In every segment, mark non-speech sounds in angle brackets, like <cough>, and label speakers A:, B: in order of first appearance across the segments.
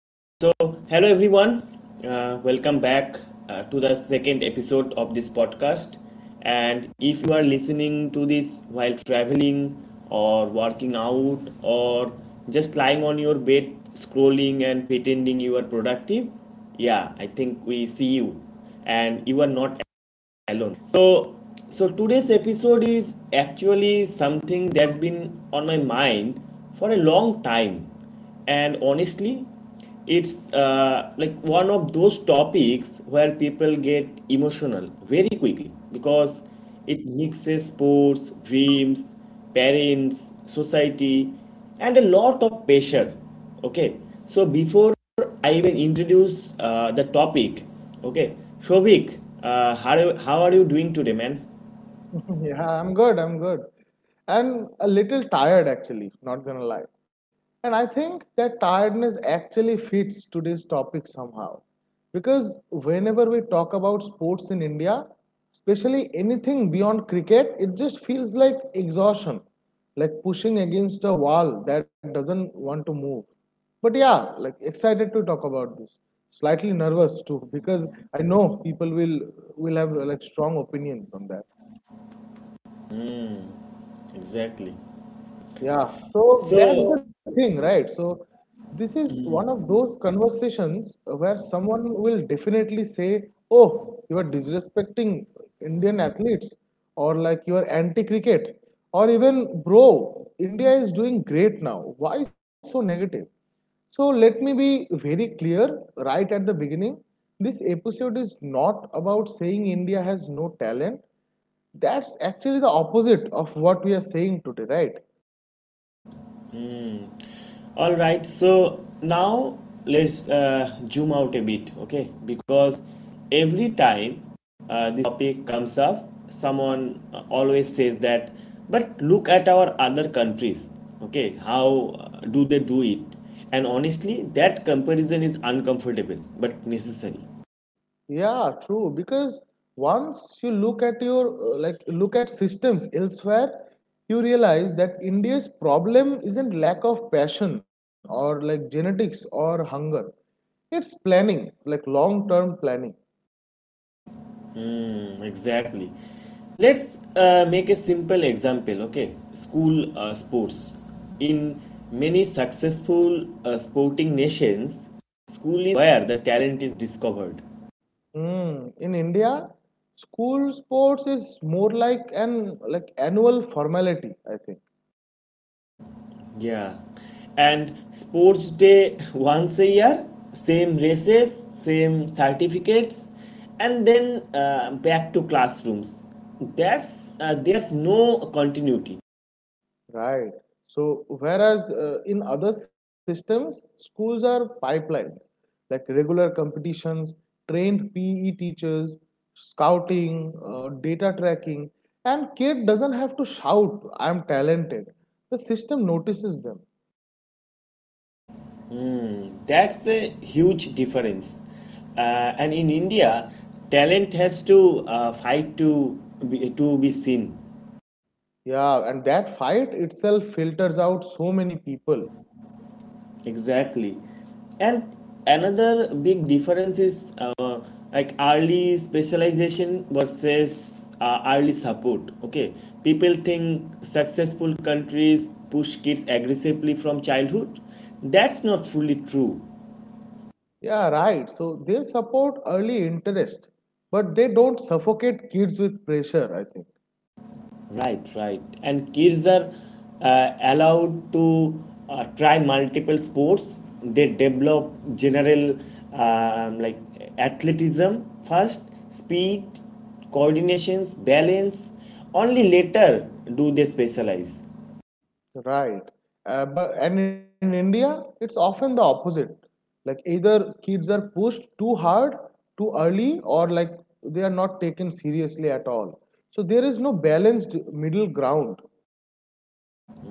A: Okay. So, Hello everyone. Welcome back to the second episode of this podcast. And if you are listening to this while traveling or working out or just lying on your bed scrolling and pretending you are productive, yeah, I think we see you. And you are not alone. So today's episode is actually something that's been on my mind for a long time, and honestly it's like one of those topics where people get emotional very quickly, because it mixes sports, dreams, parents, society, and a lot of pressure. Okay so before I even introduce the topic, okay, Shovik, how are you doing today, man?
B: <laughs> Yeah, I'm good. I'm good. And a little tired, actually, not gonna lie. And I think that tiredness actually fits today's topic somehow. Because whenever we talk about sports in India, especially anything beyond cricket, it just feels like exhaustion, like pushing against a wall that doesn't want to move. But yeah, like excited to talk about this. Slightly nervous too, <laughs> because I know people will have like strong opinions on that.
A: Exactly.
B: Yeah, so that's
A: So,
B: the thing, right? So this is one of those conversations where someone will definitely say, "Oh, you are disrespecting Indian athletes," or like you are anti-cricket, or even, "Bro, India is doing great now. Why so negative?" So let me be very clear right at the beginning. This episode is not about saying India has no talent. That's actually the opposite of what we are saying today, right?
A: all right. So now let's zoom out a bit, okay? Because every time this topic comes up, someone always says that. But look at our other countries, okay? How do they do it? And honestly, that comparison is uncomfortable but necessary.
B: Yeah, true. Because once you look at your like look at systems elsewhere, you realize that India's problem isn't lack of passion or like genetics or hunger. It's planning, like long-term planning.
A: Exactly. Let's make a simple example, okay? School sports. In many successful sporting nations, school is where the talent is discovered.
B: Hmm. In India, school sports is more like an like annual formality, I think.
A: Yeah. And sports day <laughs> once a year, same races, same certificates, and then back to classrooms. That's there's no continuity.
B: Right. So, whereas in other systems, schools are pipelines like regular competitions, trained PE teachers, scouting, data tracking, and kid doesn't have to shout, I'm talented. The system notices them.
A: That's the huge difference. Uh, and in India, talent has to to be seen.
B: Yeah, and that fight itself filters out so many people.
A: Exactly. And another big difference is like early specialization versus early support. Okay, people think successful countries push kids aggressively from childhood. That's not fully true.
B: Yeah, right. So, they support early interest, but they don't suffocate kids with pressure, I think.
A: Right. And kids are allowed to try multiple sports. They develop general um, like athleticism first, speed, coordinations, balance. Only later do they specialize.
B: Right. But and in India, it's often the opposite. Like either kids are pushed too hard, too early, or like they are not taken seriously at all. So there is no balanced middle ground.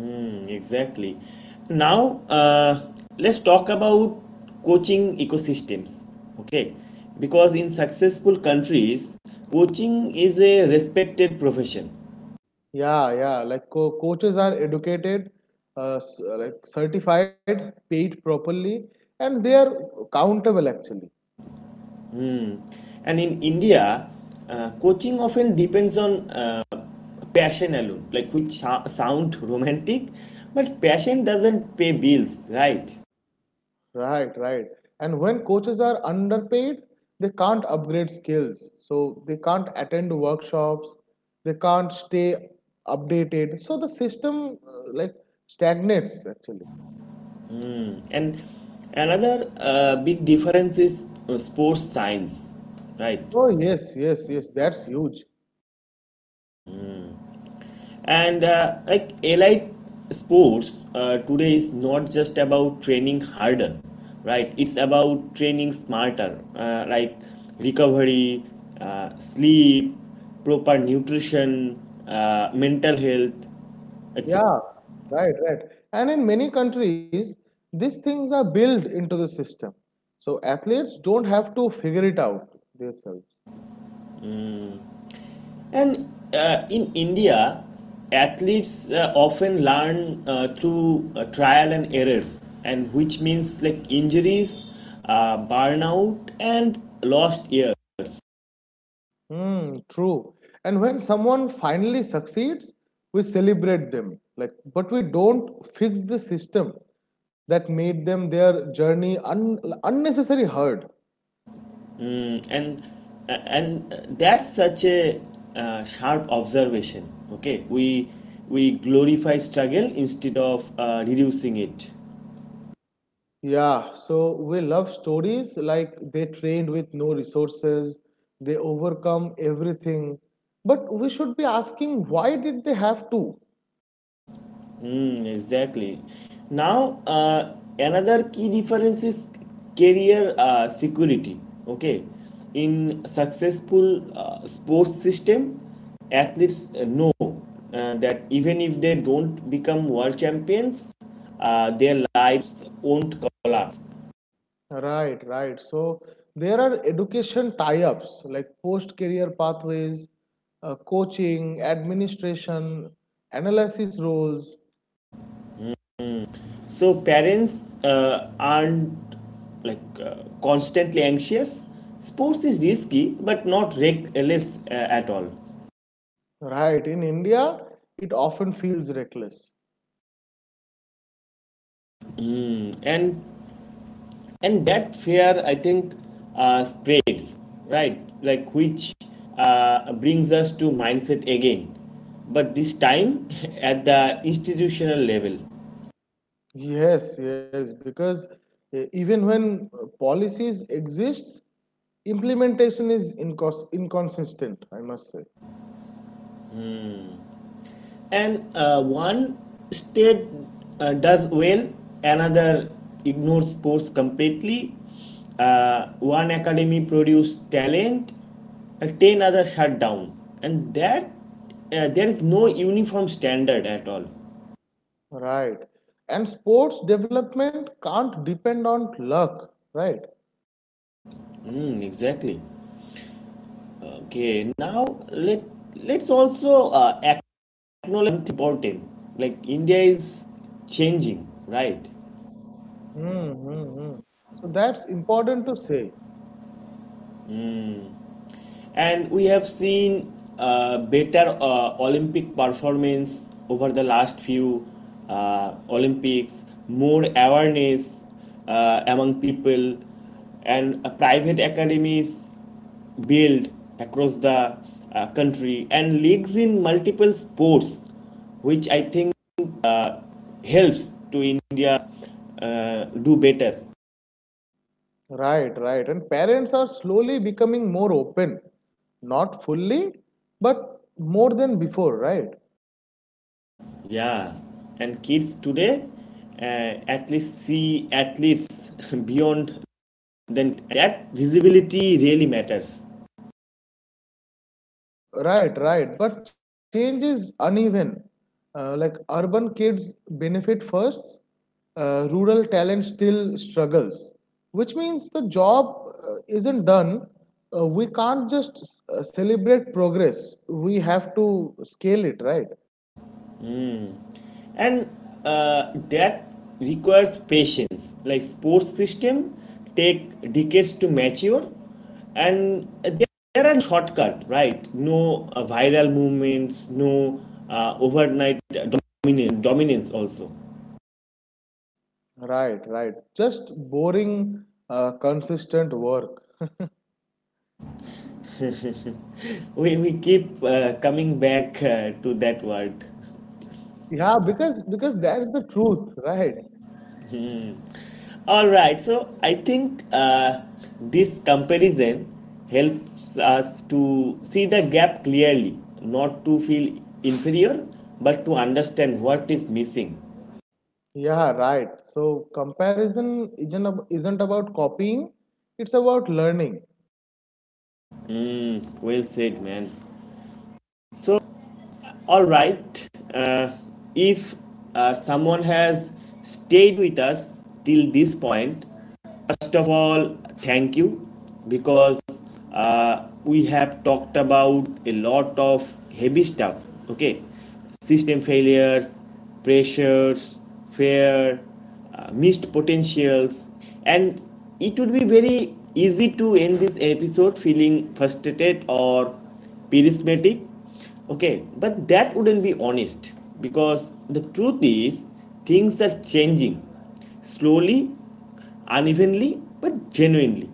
A: Exactly. Now let's talk about coaching ecosystems. Okay, because in successful countries, coaching is a respected profession.
B: Yeah, yeah. Like coaches are educated, like certified, paid properly, and they are countable actually.
A: Mm. And in India, coaching often depends on passion alone, like which sound <laughs> romantic, but passion doesn't pay bills, right?
B: Right, right. And when coaches are underpaid, they can't upgrade skills. So they can't attend workshops, they can't stay updated. So the system like stagnates actually.
A: And another big difference is sports science, right?
B: Oh, yes, yes, yes, that's huge.
A: And like elite sports today is not just about training harder, right? It's about training smarter, like recovery, sleep, proper nutrition, mental health, etc.
B: Yeah, right, right. And in many countries, these things are built into the system. So athletes don't have to figure it out themselves.
A: And in India, athletes often learn through trial and errors, and which means like injuries, burnout, and lost years.
B: Hmm, true. And when someone finally succeeds, we celebrate them. Like, but we don't fix the system that made them their journey unnecessary hard.
A: Mm, and and that's such a sharp observation. Okay, we glorify struggle instead of reducing it.
B: Yeah, so we love stories like they trained with no resources, they overcome everything. But we should be asking why did they have to?
A: Exactly. Now another key difference is career security. Okay, in successful sports system, athletes know that even if they don't become world champions, their lives won't collapse.
B: Right, right. So there are education tie-ups like post-career pathways, coaching, administration, analysis roles.
A: So parents aren't constantly anxious. Sports is risky, but not reckless at all.
B: Right. In India, it often feels reckless.
A: And and that fear, I think, spreads, right. Like which brings us to mindset again, but this time <laughs> at the institutional level.
B: Yes, yes, because even when policies exists, implementation is inconsistent, I must say.
A: And one state does well, another ignores sports completely, one academy produces talent, 10 others shut down, and that there is no uniform standard at all.
B: Right. And sports development can't depend on luck, right?
A: Exactly. Okay, now let let's also acknowledge something important, like India is changing, right?
B: Mm-hmm. So that's important to say.
A: And we have seen better Olympic performance over the last few Olympics, more awareness among people, and private academies built across the country, and leagues in multiple sports, which I think helps to India do better.
B: Right, right. And parents are slowly becoming more open. Not fully, but more than before, right?
A: Yeah, and kids today uh, at least see athletes <laughs> beyond, then that visibility really matters.
B: Right, right. But change is uneven. Like urban kids benefit first, rural talent still struggles, which means the job isn't done. We can't just celebrate progress, we have to scale it, right?
A: And that requires patience. Like sports system take decades to mature, and there are shortcut, right? No viral movements, no overnight dominance also
B: Right, right. Just boring, consistent work. <laughs>
A: we keep coming back to that word.
B: Yeah, because that's the truth, right?
A: All right, so I think this comparison helps us to see the gap clearly, not to feel inferior, but to understand what is missing.
B: Yeah, right. So comparison isn't about copying; it's about learning.
A: Hmm, well said, man. So, all right, uh, if someone has stayed with us till this point, first of all, thank you, because we have talked about a lot of heavy stuff, okay? System failures, pressures, fear, missed potentials, and it would be very easy to end this episode feeling frustrated or pessimistic, okay? But that wouldn't be honest, because the truth is, things are changing slowly, unevenly, but genuinely.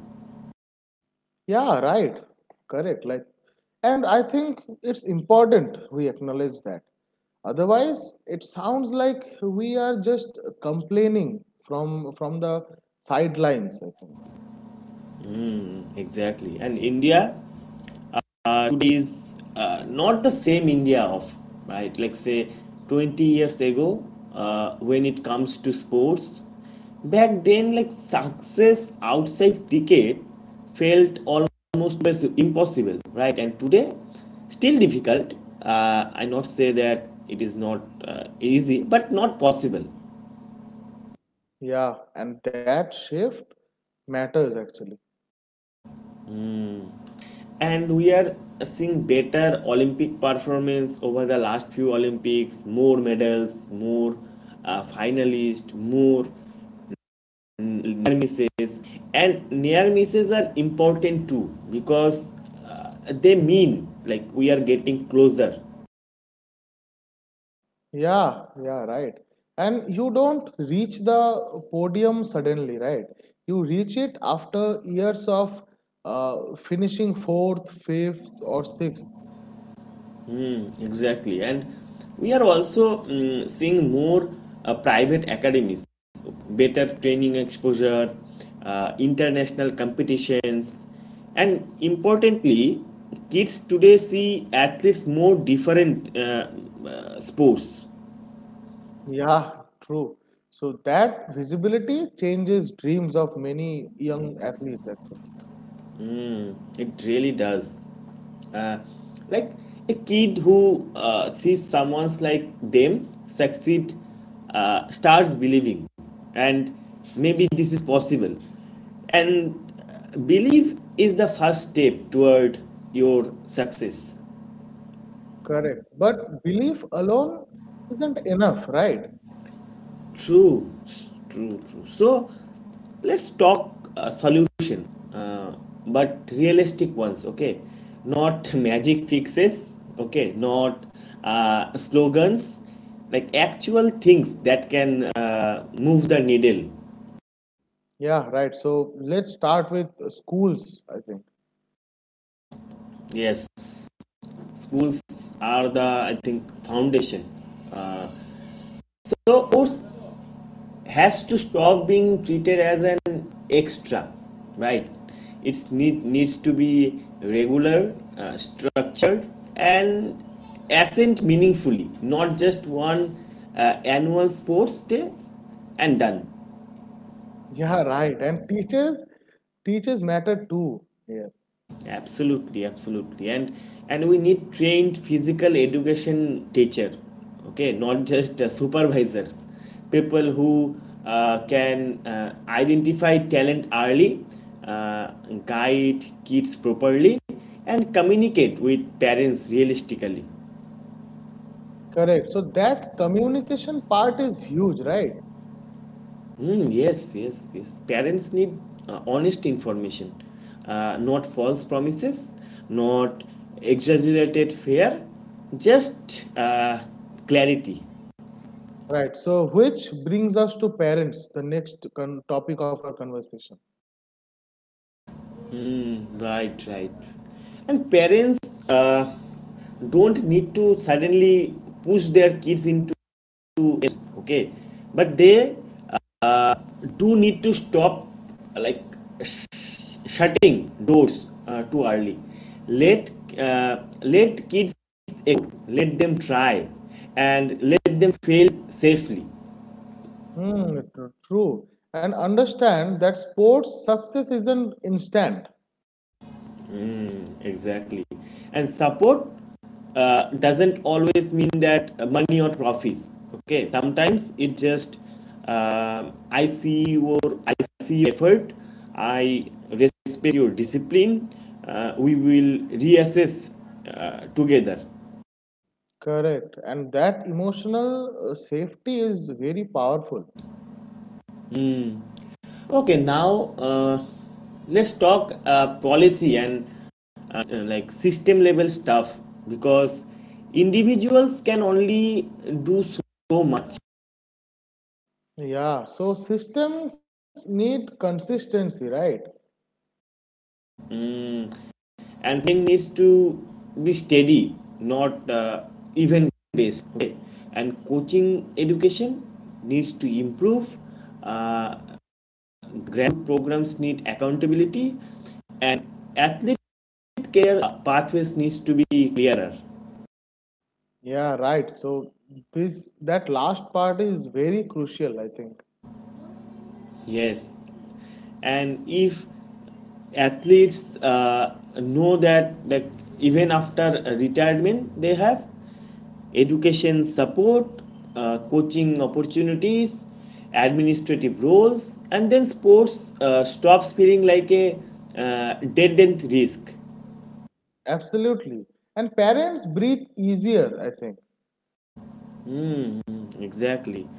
B: Yeah, right. Correct. Like, and I think it's important we acknowledge that. Otherwise, it sounds like we are just complaining from the sidelines. I think.
A: Exactly. And India today is not the same India of, right, like say 20 years ago, when it comes to sports. Back then, like, success outside cricket felt almost impossible, right? And today, still difficult. I not say that it is not uh, easy, but not possible.
B: Yeah, and that shift matters actually.
A: And we are seeing better Olympic performance over the last few Olympics, more medals, more finalists, more near misses. And near misses are important too, because uh, they mean, like, we are getting closer.
B: Yeah, yeah, right. And you don't reach the podium suddenly, right? You reach it after years of finishing fourth, fifth, or sixth.
A: Exactly. And we are also seeing more private academies, better training exposure, international competitions, and importantly, kids today see athletes more different sports.
B: Yeah, true. So that visibility changes dreams of many young athletes, actually.
A: It really does. uh, like a kid who sees someone's like them succeed starts believing, and maybe this is possible. And belief is the first step toward your success.
B: Correct. But belief alone isn't enough, right?
A: True, true. So let's talk a solution, uh, but realistic ones, okay? Not <laughs> magic fixes, okay? Not slogans, like actual things that can move the needle.
B: Yeah, right. So let's start with schools, I think.
A: Yes, schools are the, I think, foundation. Uh, so, Urs, has to stop being treated as an extra, right? It needs to be regular, structured, and ascent meaningfully, not just one annual sports day and done.
B: Yeah, right. And teachers matter too. Yeah.
A: Absolutely. And we need trained physical education teacher, okay, not just supervisors, people who can identify talent early, uh, guide kids properly, and communicate with parents realistically.
B: Correct. So that communication part is huge, right?
A: Yes. Parents need honest information, not false promises, not exaggerated fear, just clarity.
B: Right. So which brings us to parents, the next topic of our conversation.
A: Right, right. And parents uh, don't need to suddenly push their kids into, okay, but they do need to stop like sh- shutting doors too early. Let let kids explore, let them try, and let them fail safely.
B: Hmm, true. And understand that sports success isn't instant.
A: Exactly. And support doesn't always mean that money or trophies. Okay. Sometimes it just uh, I see your I see your effort. I respect your discipline. We will reassess together.
B: Correct. And that emotional safety is very powerful.
A: Okay. Now let's talk policy and like system level stuff, because individuals can only do so much.
B: Yeah. So systems need consistency, right?
A: Mm, and thing needs to be steady, not even based, okay? And coaching education needs to improve, uh, grant programs need accountability, and athlete care pathways needs to be clearer.
B: Yeah, right. So this that last part is very crucial, I think.
A: Yes, and if athletes know that even after retirement they have education support, coaching opportunities, administrative roles, and then sports stops feeling like a dead end risk.
B: Absolutely. And parents breathe easier, I think.
A: Exactly.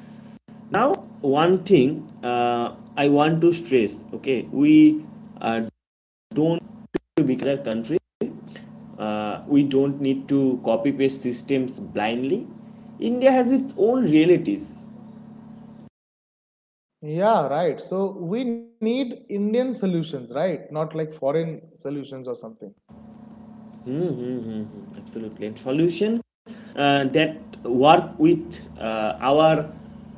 A: Now, one thing I want to stress. Okay, we uh, don't to become another country. We don't need to copy paste systems blindly. India has its own realities.
B: Yeah, right. So we need Indian solutions, right? Not like foreign solutions or something.
A: Absolutely. And solution that work with uh, our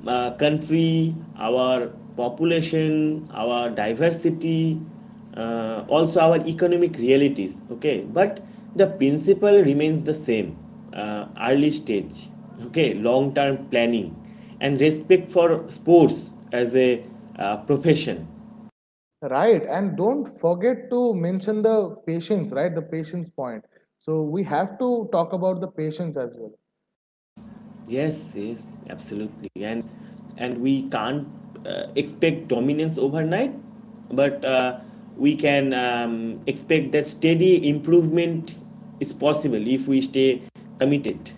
A: uh, country, our population, our diversity, also our economic realities. Okay, but the principle remains the same: early stage, okay, long-term planning, and respect for sports as a profession.
B: Right. And don't forget to mention the patients, right? The patients point. So we have to talk about the patients as well.
A: Yes, yes, absolutely. And we can't expect dominance overnight, but we can expect that steady improvement is possible if we stay committed.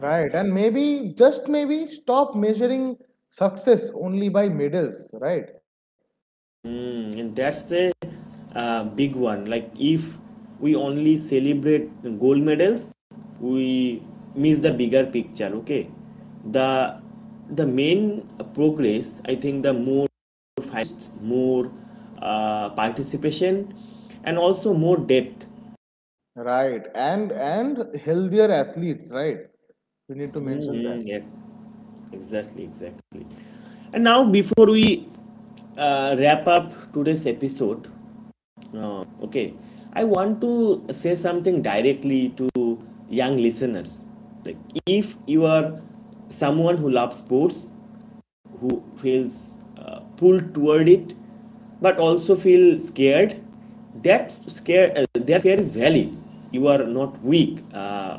B: Right. And maybe, just maybe, stop measuring success only by medals, right?
A: Mm, and that's a big one. Like if we only celebrate gold medals, we miss the bigger picture. Okay, the the main progress. I think the more finest, more participation, and also more depth.
B: Right. And healthier athletes, right? We need to mention that.
A: Mhm, yeah, exactly, exactly. And now before we wrap up today's episode, okay, I want to say something directly to young listeners. Like, if you are someone who loves sports, who feels pulled toward it, but also feel scared, that scare that fear is valid. You are not weak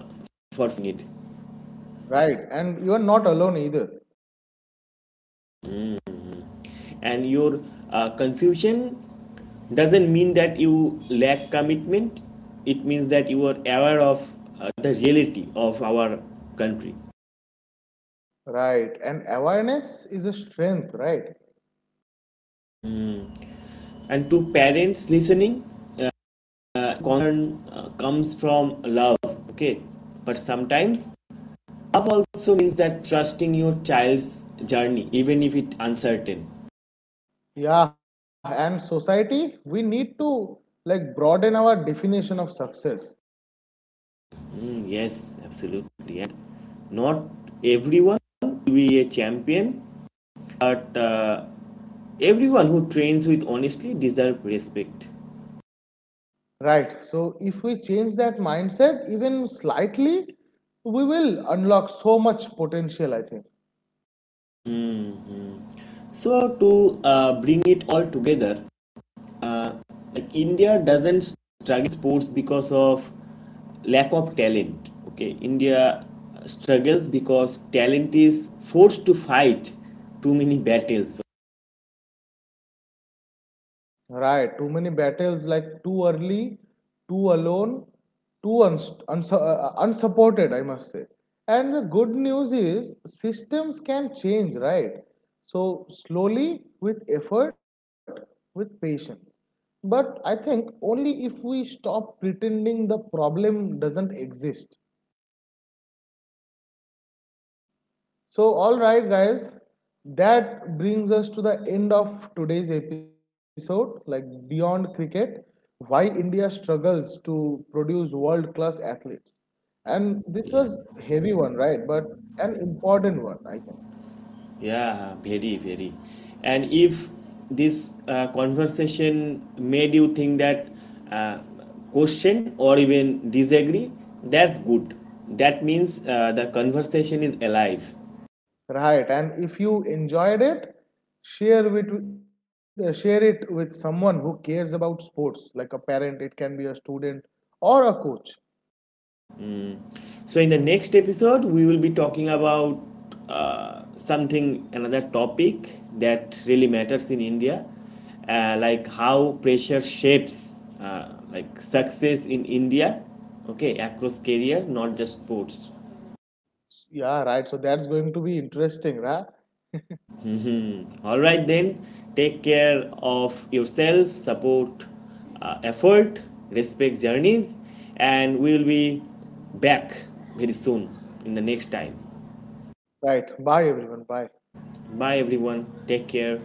A: for it.
B: Right. And you are not alone either.
A: And your confusion doesn't mean that you lack commitment, it means that you are aware of the reality of our country.
B: Right. And awareness is a strength, right?
A: And to parents listening, concern comes from love, okay, but sometimes love also means that trusting your child's journey even if it's uncertain.
B: Yeah. And society, we need to like broaden our definition of success,
A: Mm, yes, absolutely. And not everyone will be a champion, but everyone who trains with honestly deserve respect.
B: right? So if we change that mindset even slightly, we will unlock so much potential, I think.
A: Mhm. So to bring it all together, uh, like India doesn't struggle sports because of lack of talent. Okay, India struggles because talent is forced to fight too many battles.
B: Right, too many battles like too early, too alone, too unsupported, I must say. And the good news is systems can change, right? So, slowly, with effort, with patience. But I think only if we stop pretending the problem doesn't exist. So, all right, guys, that brings us to the end of today's episode, like Beyond Cricket Why India Struggles to Produce World Class Athletes. And this
A: Yeah.
B: was heavy one, right? But an important one, I think.
A: Yeah, very, very. And if this conversation made you think that uh, question or even disagree, that's good. That means the conversation is alive.
B: Right. And if you enjoyed it, share with share it with someone who cares about sports, like a parent, it can be a student or a coach.
A: So, in the next episode, we will be talking about another topic that really matters in India, like how pressure shapes like success in India, okay, across career, not just sports.
B: Yeah, right. So that's going to be interesting, right?
A: All right, then, take care of yourself, support effort, respect journeys, and we will be back very soon in the next time.
B: Right. Bye everyone. Bye.
A: Bye, everyone. Take care.